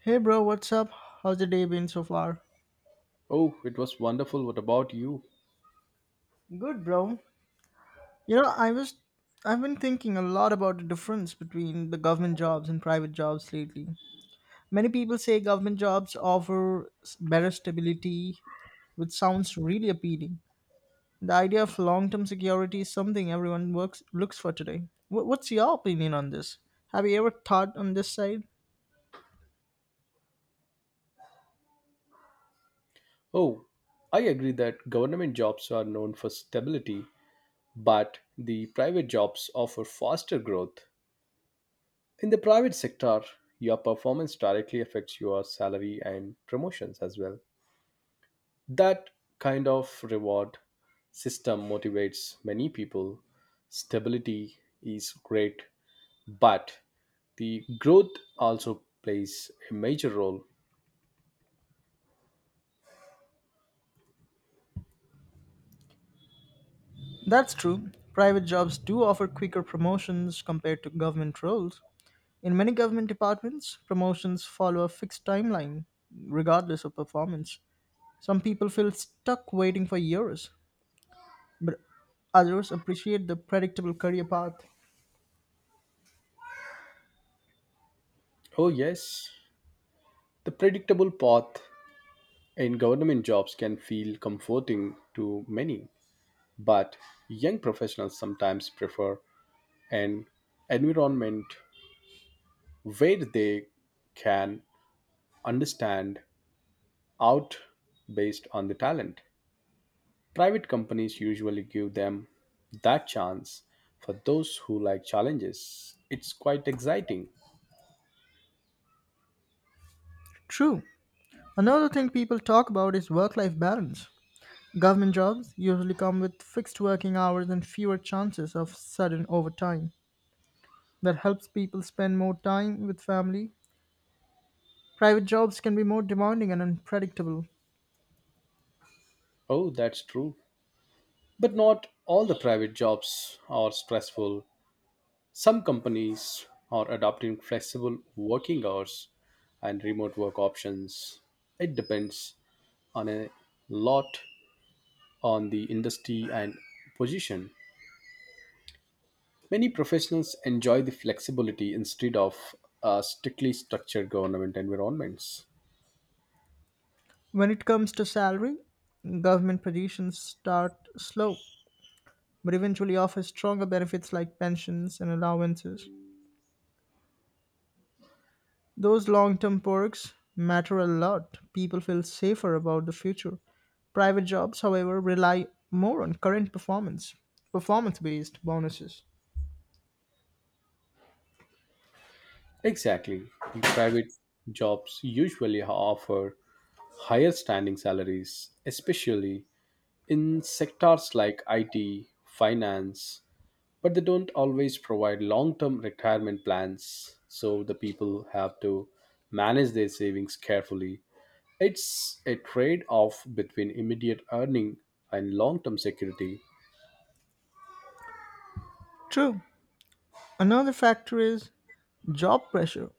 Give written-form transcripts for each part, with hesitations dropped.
Hey bro, what's up? How's the day been so far? Oh, it was wonderful. What about you? Good bro. You know, I was I've been thinking a lot about the difference between the government jobs and private jobs lately. Many people say government jobs offer better stability, which sounds really appealing. The idea of long-term security is something everyone works looks for today. What's your opinion on this? Have you ever thought on this side? Oh, I agree that government jobs are known for stability, but the private jobs offer faster growth. In the private sector, your performance directly affects your salary and promotions as well. That kind of reward system motivates many people. Stability is great, but the growth also plays a major role. That's true. Private jobs do offer quicker promotions compared to government roles. In many government departments, promotions follow a fixed timeline, regardless of performance. Some people feel stuck waiting for years, but others appreciate the predictable career path. Oh, yes, the predictable path. And government jobs can feel comforting to many, but young professionals sometimes prefer an environment where they can understand out based on the talent. Private companies usually give them that chance for those who like challenges. It's quite exciting. True. Another thing people talk about is work life balance. Government jobs usually come with fixed working hours and fewer chances of sudden overtime. That helps people spend more time with family. Private jobs can be more demanding and unpredictable. Oh, that's true. But not all the private jobs are stressful. Some companies are adopting flexible working hours and remote work options. It depends on a lot on the industry and position. Many professionals enjoy the flexibility instead of strictly structured government environments. When it comes to salary, government positions start slow, but eventually offer stronger benefits like pensions and allowances. Those long term perks matter a lot. People feel safer about the future. Private jobs, however, rely more on current performance, performance based bonuses. Exactly. The private jobs usually offer higher standing salaries, especially in sectors like IT, finance, but they don't always provide long term retirement plans, so the people have to manage their savings carefully. It's a trade off between immediate earning and long term security. True. Another factor is job pressure.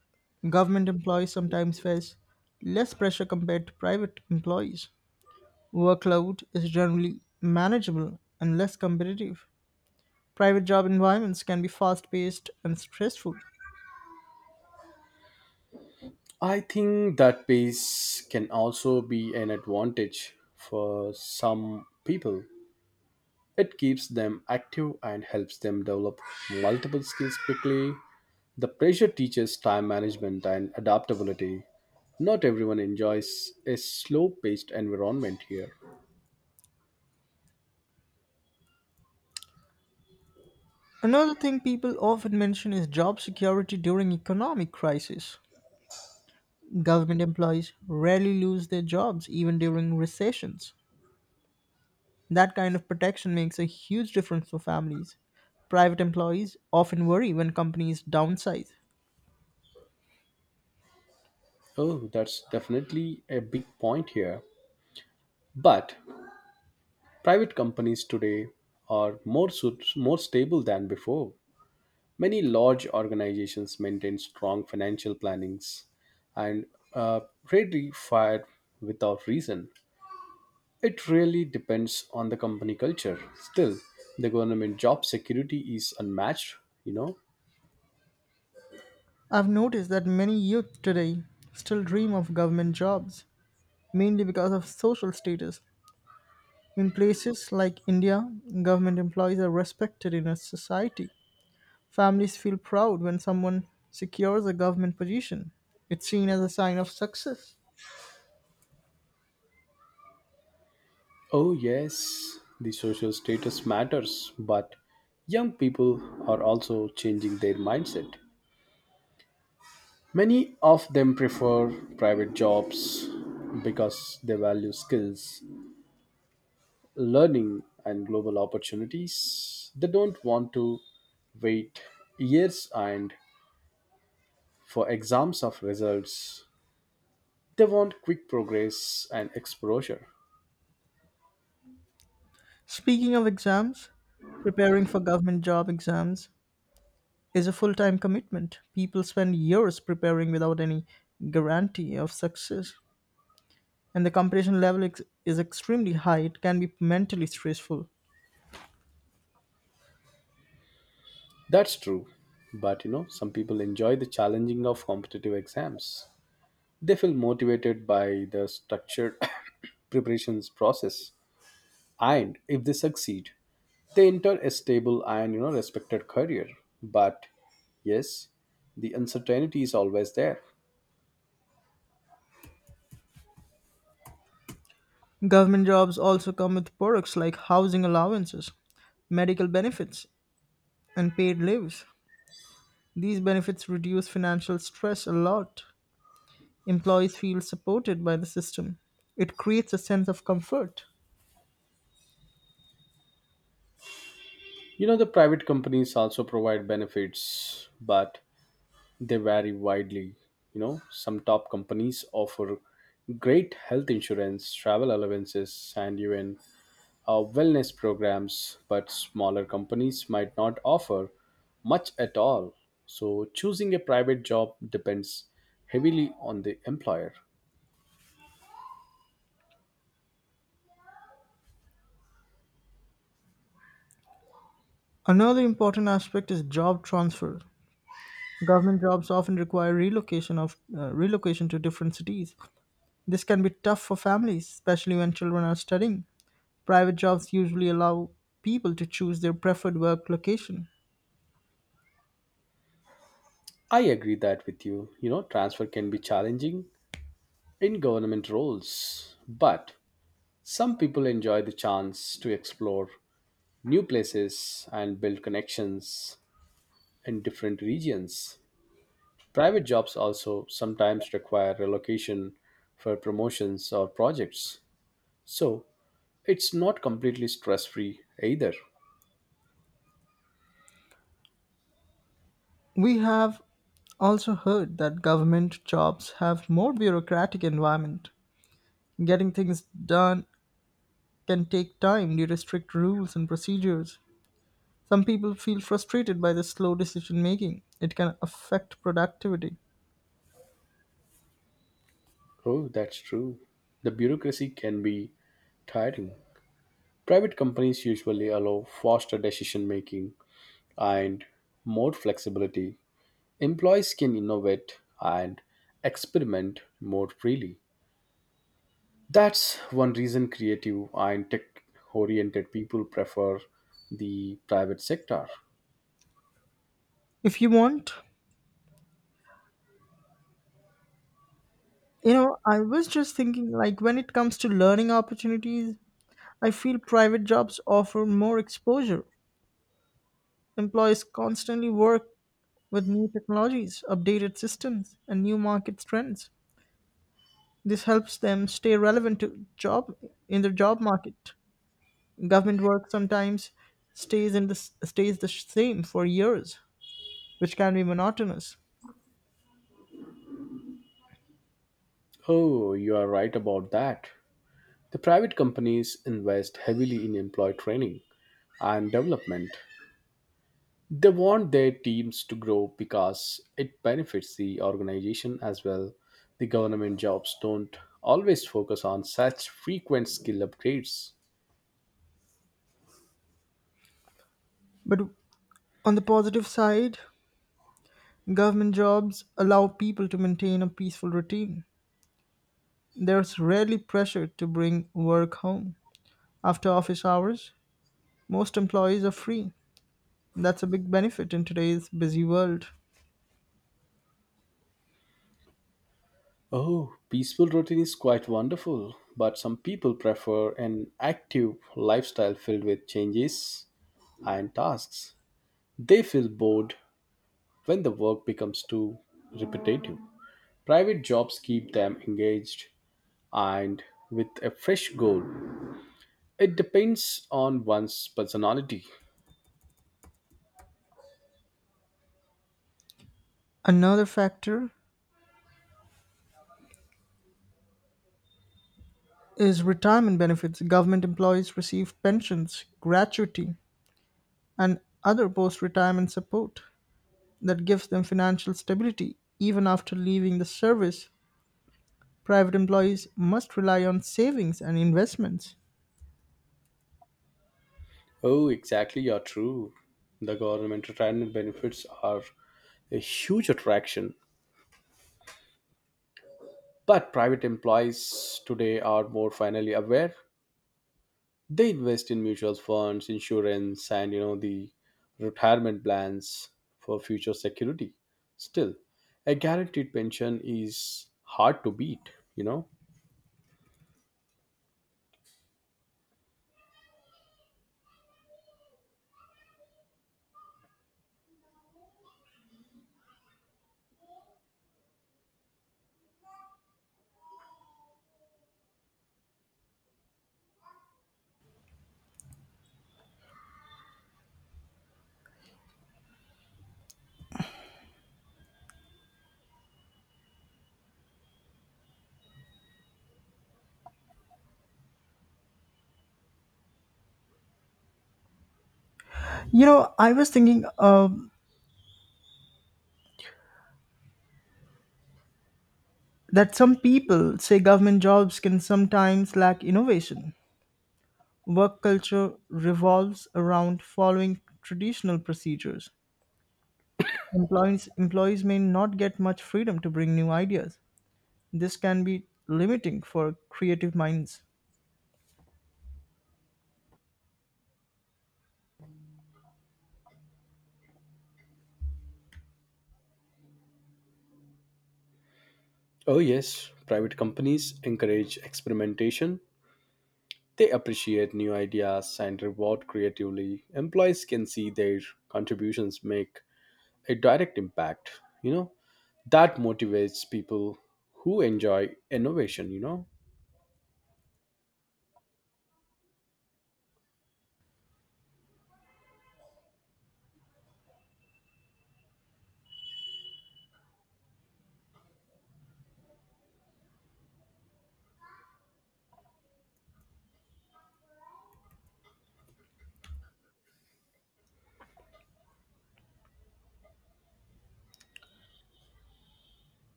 Government employees sometimes face less pressure compared to private employees. Workload is generally manageable and less competitive. Private job environments can be fast paced and stressful. I think that pace can also be an advantage for some people. It keeps them active and helps them develop multiple skills quickly. The pressure teaches time management and adaptability. Not everyone enjoys a slow paced environment here. Another thing people often mention is job security during economic crisis. Government employees rarely lose their jobs even during recessions. That kind of protection makes a huge difference for families. Private employees often worry when companies downsize. Oh, that's definitely a big point here. But private companies today are more stable than before. Many large organizations maintain strong financial plannings and uh, rarely fire without reason. It really depends on the company culture. Still, the government job security is unmatched, you know. I've noticed that many youth today still dream of government jobs, mainly because of social status. In places like India, government employees are respected in a society. Families feel proud when someone secures a government position. It's seen as a sign of success. Oh, yes, the social status matters, but young people are also changing their mindset. Many of them prefer private jobs because they value skills, learning, and global opportunities. They don't want to wait years and for exams of results. They want quick progress and exposure. Speaking of exams, preparing for government job exams is a full time commitment. People spend years preparing without any guarantee of success. And the competition level is extremely high. It can be mentally stressful. That's true. But you know, some people enjoy the challenging of competitive exams. They feel motivated by the structured preparations process. And if they succeed, they enter a stable and you know respected career. But yes, the uncertainty is always there. Government jobs also come with perks like housing allowances, medical benefits, and paid leaves. These benefits reduce financial stress a lot. Employees feel supported by the system. It creates a sense of comfort. You know, the private companies also provide benefits, but they vary widely. You know, some top companies offer great health insurance, travel allowances, and even wellness programs, but smaller companies might not offer much at all. So, choosing a private job depends heavily on the employer. Another important aspect is job transfer. Government jobs often require relocation to different cities. This can be tough for families, especially when children are studying. Private jobs usually allow people to choose their preferred work location. I agree that with you. You know, transfer can be challenging in government roles, but some people enjoy the chance to explore new places and build connections in different regions. Private jobs also sometimes require relocation for promotions or projects. So it's not completely stress free either. We have also heard that government jobs have more bureaucratic environment. Getting things done can take time due to strict rules and procedures. Some people feel frustrated by the slow decision making. It can affect productivity. Oh, that's true. The bureaucracy can be tiring. Private companies usually allow faster decision making and more flexibility. Employees can innovate and experiment more freely. That's one reason creative and tech oriented people prefer the private sector. If you want, you know, I was just thinking like When it comes to learning opportunities, I feel private jobs offer more exposure. Employees constantly work with new technologies, updated systems, and new market trends. This helps them stay relevant to job in the job market. Government work sometimes stays the same for years, which can be monotonous. Oh, you are right about that. The private companies invest heavily in employee training and development. They want their teams to grow because it benefits the organization as well. The government jobs don't always focus on such frequent skill upgrades. But on the positive side, government jobs allow people to maintain a peaceful routine. There's rarely pressure to bring work home. After office hours, most employees are free. That's a big benefit in today's busy world. Oh, peaceful routine is quite wonderful, but some people prefer an active lifestyle filled with changes and tasks. They feel bored when the work becomes too repetitive. Private jobs keep them engaged and with a fresh goal. It depends on one's personality. Another factor is retirement benefits. Government employees receive pensions, gratuity, and other post retirement support. That gives them financial stability even after leaving the service. Private employees must rely on savings and investments. Oh, exactly, you're true. The government retirement benefits are a huge attraction, but private employees today are more finally aware. They invest in mutual funds, insurance, and you know the retirement plans for future security. Still, a guaranteed pension is hard to beat, you know. You know, I was thinking that Some people say government jobs can sometimes lack innovation. Work culture revolves around following traditional procedures. Employees may not get much freedom to bring new ideas. This can be limiting for creative minds. Oh yes, private companies encourage experimentation. They appreciate new ideas and reward creatively. Employees can see their contributions make a direct impact, you know. That motivates people who enjoy innovation, you know.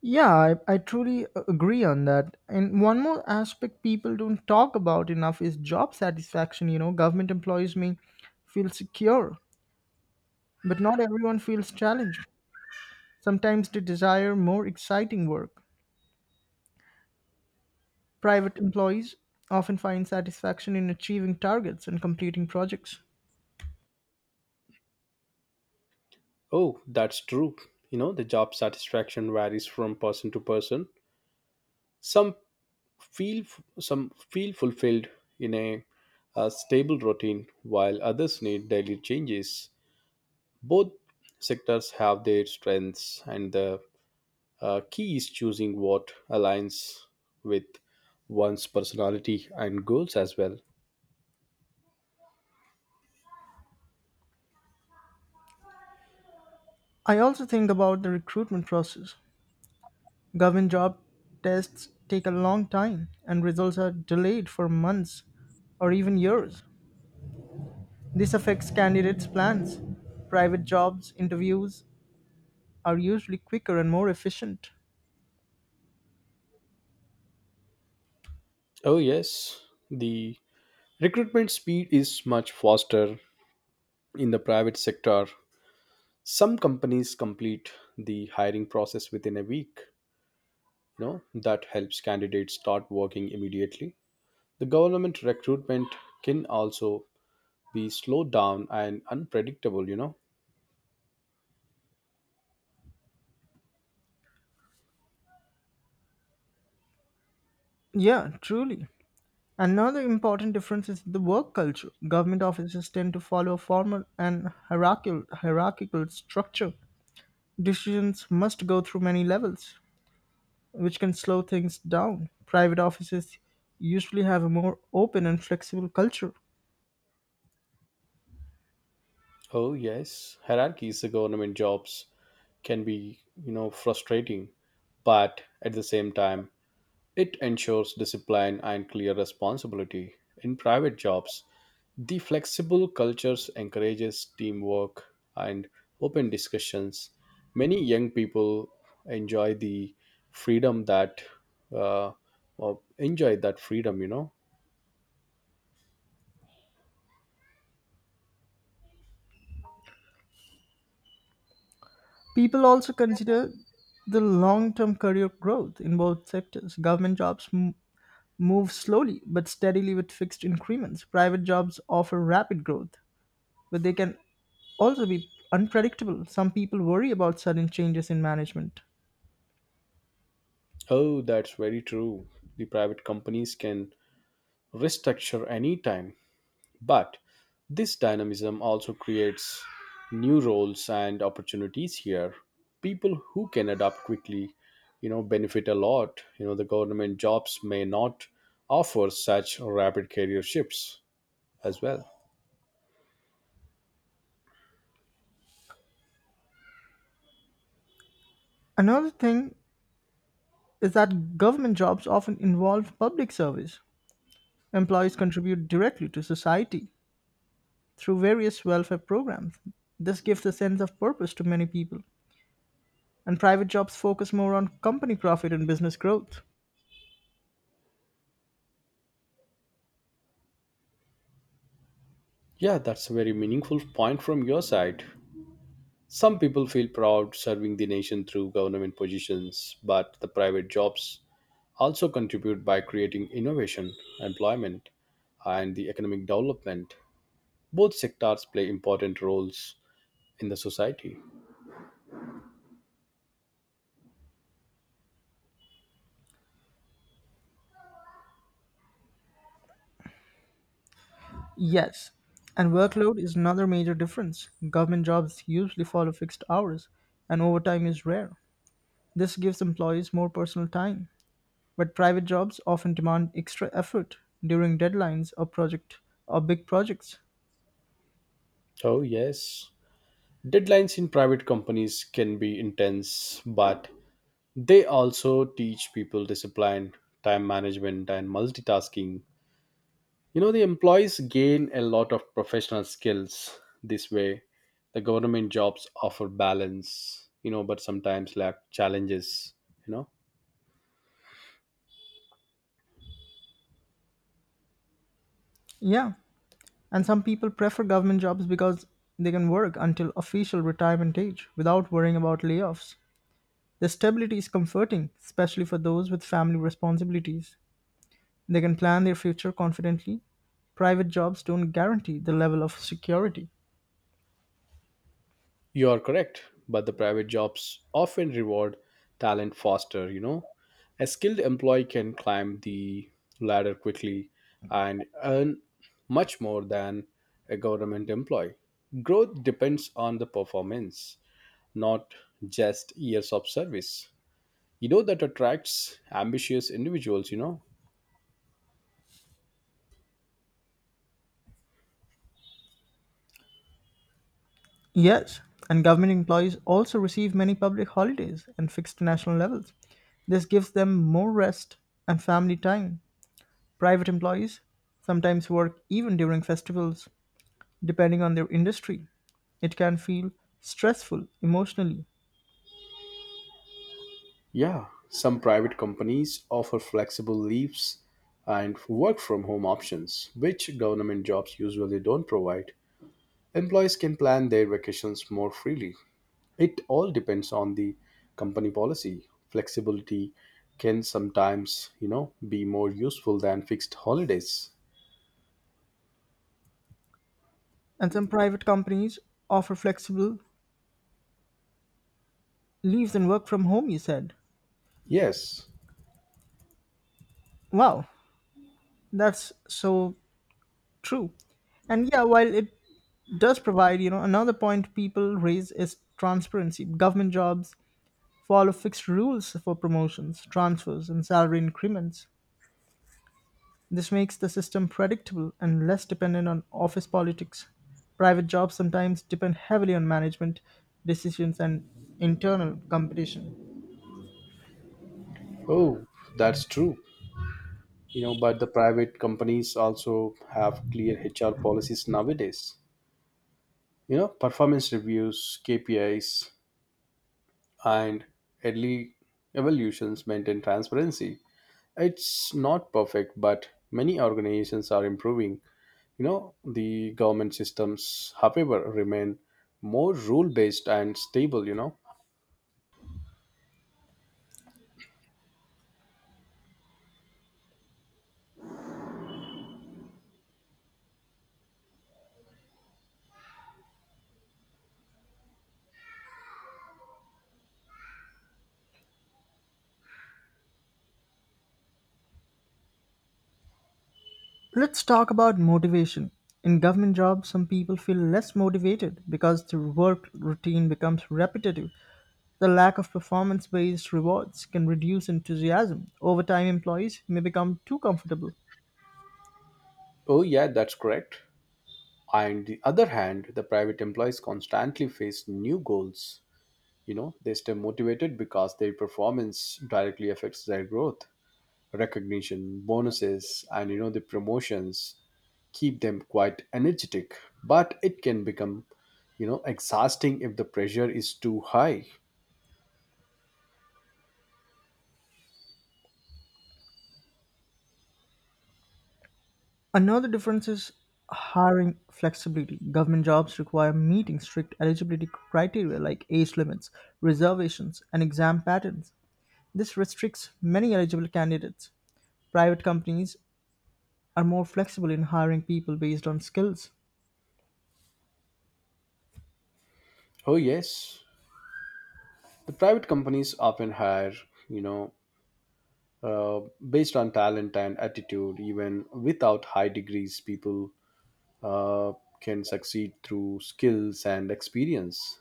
Yeah, I truly agree on that. And one more aspect people don't talk about enough is job satisfaction. You know, government employees may feel secure, but not everyone feels challenged. Sometimes they desire more exciting work. Private employees often find satisfaction in achieving targets and completing projects. Oh, that's true. You know, the job satisfaction varies from person to person. Some feel some feel fulfilled in a stable routine, while others need daily changes. Both sectors have their strengths, and the key is choosing what aligns with one's personality and goals as well. I also think about the recruitment process. Government job tests take a long time, and results are delayed for months or even years. This affects candidates' plans. Private jobs interviews are usually quicker and more efficient. Oh, yes. The recruitment speed is much faster in the private sector. Some companies complete the hiring process within a week, you know. That helps candidates start working immediately. The government recruitment can also be slowed down and unpredictable, you know. Yeah, truly. Another important difference is the work culture. Government offices tend to follow a formal and hierarchical structure. Decisions must go through many levels, which can slow things down. Private offices usually have a more open and flexible culture. Oh yes, hierarchies the government jobs can be you know frustrating, but at the same time it ensures discipline and clear responsibility in private jobs. The flexible cultures encourages teamwork and open discussions. Many young people enjoy the freedom that uh, or enjoy that freedom. You know, People also consider the long term career growth in both sectors. Government jobs move slowly but steadily with fixed increments. Private jobs offer rapid growth, but they can also be unpredictable. Some people worry about sudden changes in management. oh, that's very true. The private companies can restructure anytime. But this dynamism also creates new roles and opportunities here. People who can adapt quickly, you know, benefit a lot. You know, the government jobs may not offer such rapid career shifts as well. Another thing is that government jobs often involve public service. Employees contribute directly to society through various welfare programs. This gives a sense of purpose to many people. And private jobs focus more on company profit and business growth. Yeah, that's a very meaningful point from your side. Some people feel proud serving the nation through government positions, but the private jobs also contribute by creating innovation, employment, and the economic development. Both sectors play important roles in the society. Yes, and workload is another major difference. Government jobs usually follow fixed hours, and overtime is rare. This gives employees more personal time, but private jobs often demand extra effort during deadlines or big projects. Oh, yes. Deadlines in private companies can be intense, but they also teach people discipline, time management, and multitasking. You know, the employees gain a lot of professional skills this way. The government jobs offer balance, you know, but sometimes lack challenges, you know. Yeah, and some people prefer government jobs because they can work until official retirement age without worrying about layoffs. The stability is comforting, especially for those with family responsibilities. They can plan their future confidently. Private jobs don't guarantee the level of security. You are correct, but the private jobs often reward talent faster, you know. A skilled employee can climb the ladder quickly and earn much more than a government employee. Growth depends on the performance, not just years of service. You know, that attracts ambitious individuals, you know. Yes, and government employees also receive many public holidays and fixed national levels. This gives them more rest and family time. Private employees sometimes work even during festivals, depending on their industry. It can feel stressful emotionally. Yeah, some private companies offer flexible leaves and work from home options, which government jobs usually don't provide. Employees can plan their vacations more freely. It all depends on the company policy. Flexibility can sometimes, you know, be more useful than fixed holidays. And some private companies offer flexible leaves and work from home, you said. Yes. Wow, that's so true. And yeah, while it does provide, you know, another point people raise is transparency. Government jobs follow fixed rules for promotions, transfers, and salary increments. This makes the system predictable and less dependent on office politics. Private jobs sometimes depend heavily on management decisions and internal competition. Oh, that's true. You know, but the private companies also have clear HR policies nowadays. You know, performance reviews, KPIs, and early evaluations maintain transparency. It's not perfect, but many organizations are improving. You know, the government systems, however, remain more rule based and stable, you know. Let's talk about motivation. In government jobs, some people feel less motivated because their work routine becomes repetitive. The lack of performance based rewards can reduce enthusiasm. Overtime employees may become too comfortable. Oh, yeah, that's correct. On the other hand, the private employees constantly face new goals. You know, they stay motivated because their performance directly affects their growth. Recognition, bonuses, and you know, the promotions keep them quite energetic, but it can become, you know, exhausting if the pressure is too high. Another difference is hiring flexibility. Government jobs require meeting strict eligibility criteria like age limits, reservations, and exam patterns. This restricts many eligible candidates. Private companies are more flexible in hiring people based on skills. Oh, yes, the private companies often hire you know uh, based on talent and attitude. Even without high degrees people uh, can succeed through skills and experience.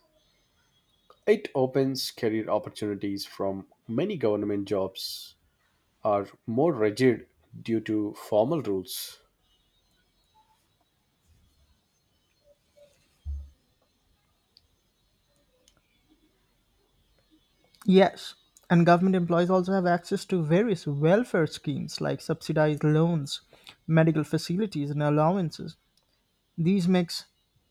It opens career opportunities from many government jobs are more rigid due to formal rules. Yes, and government employees also have access to various welfare schemes like subsidized loans, medical facilities, and allowances. These makes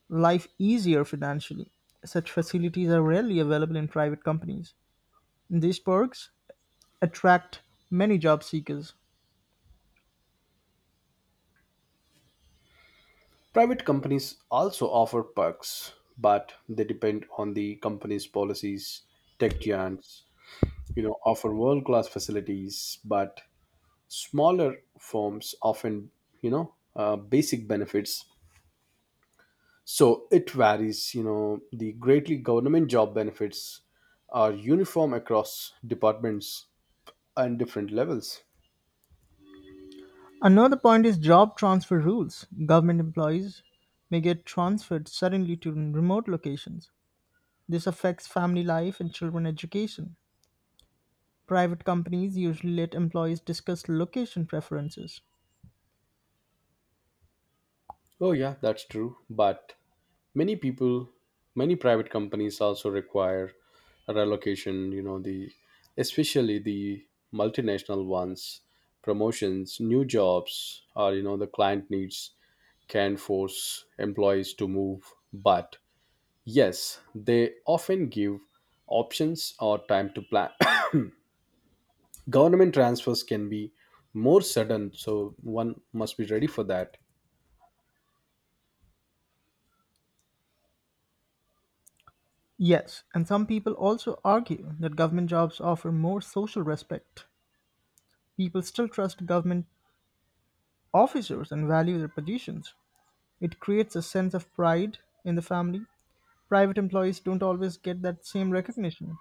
life easier financially. Such facilities are rarely available in private companies. These perks attract many job seekers. Private companies also offer perks, but they depend on the company's policies. Tech giants, you know, offer world class facilities, but smaller firms often you know basic benefits. So it varies, you know, the greatly government job benefits are uniform across departments and different levels. Another point is job transfer rules. Government employees may get transferred suddenly to remote locations. This affects family life and children education. Private companies usually let employees discuss location preferences. Oh yeah, that's true, but many people many private companies also require a relocation, you know, the especially the multinational ones. Promotions, new jobs, or you know the client needs can force employees to move, but yes, they often give options or time to plan. Government transfers can be more sudden, so one must be ready for that. Yes, and some people also argue that government jobs offer more social respect. People still trust government officers and value their positions. It creates a sense of pride in the family. Private employees don't always get that same recognition.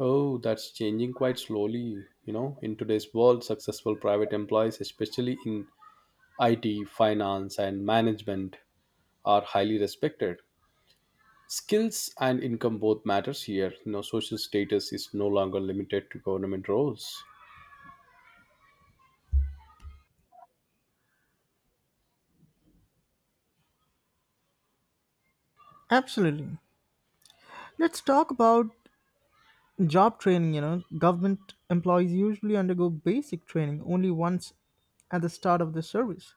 Oh, that's changing quite slowly. You know, in today's world, successful private employees, especially in IT, finance, and management, are highly respected. Skills and income both matters here. You know, social status is no longer limited to government roles. Absolutely. Let's talk about job training. You know, government employees usually undergo basic training only once at the start of the service.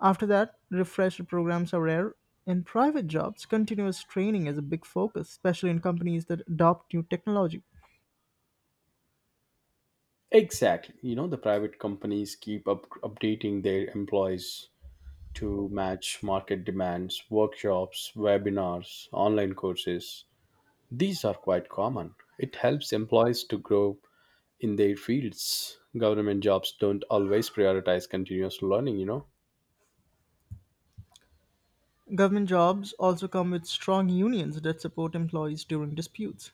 After that, refresher programs are rare. In private jobs, continuous training is a big focus, especially in companies that adopt new technology. Exactly. You know, the private companies keep up updating their employees to match market demands, workshops, webinars, online courses. These are quite common. It helps employees to grow in their fields. Government jobs don't always prioritize continuous learning, you know. Government jobs also come with strong unions that support employees during disputes.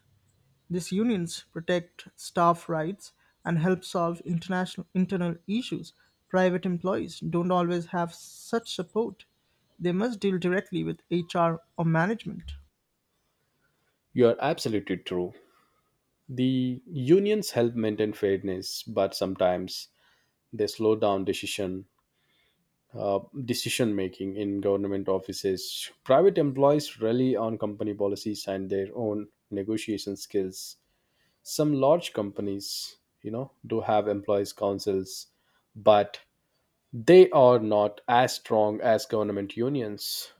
These unions protect staff rights and help solve international internal issues. Private employees don't always have such support. They must deal directly with HR or management. You are absolutely true. The unions help maintain fairness, but sometimes they slow down uh, decision making in government offices. Private employees rely on company policies and their own negotiation skills. Some large companies, you know, do have employees councils, but they are not as strong as government unions.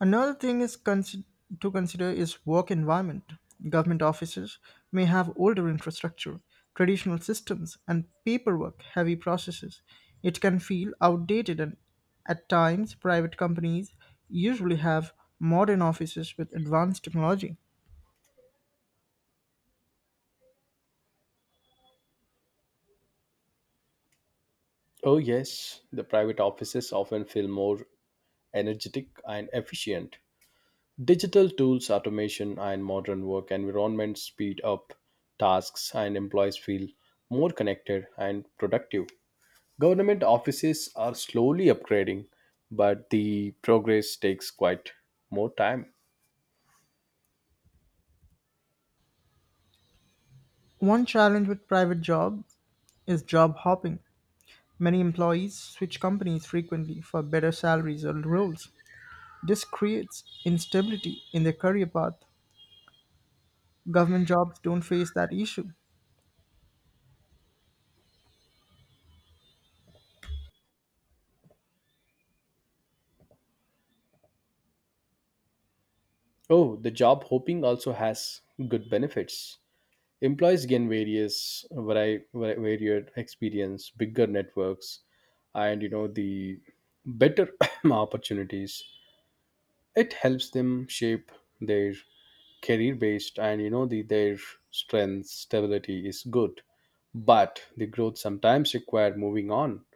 Another thing to consider is work environment. Government offices may have older infrastructure, traditional systems, and paperwork heavy processes. It can feel outdated, and at times, private companies usually have modern offices with advanced technology. Oh, yes, the private offices often feel more energetic and efficient. Digital tools, automation, and modern work environments speed up tasks and employees feel more connected and productive. Government offices are slowly upgrading, but the progress takes quite more time. One challenge with private job is job hopping. Many employees switch companies frequently for better salaries or roles. This creates instability in their career path. Government jobs don't face that issue. Oh, the job hopping also has good benefits. Employees gain varied experience, bigger networks, and you know the better opportunities. It helps them shape their career based and you know the their strength. Stability is good, but the growth sometimes require moving on.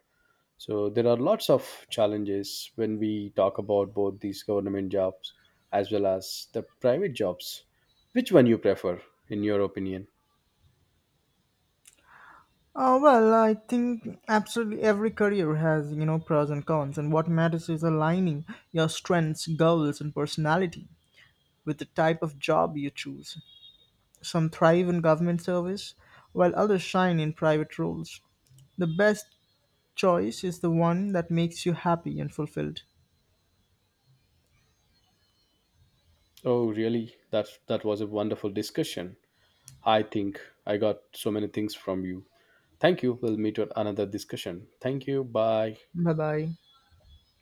So there are lots of challenges when we talk about both these government jobs as well as the private jobs. Which one you prefer in your opinion? Oh, well, I think absolutely every career has, you know, pros and cons, and what matters is aligning your strengths, goals, and personality with the type of job you choose. Some thrive in government service, while others shine in private roles. The best choice is the one that makes you happy and fulfilled. Oh really, that was a wonderful discussion. I think I got so many things from you. Thank you. We'll meet at another discussion. Thank you, bye. Bye bye.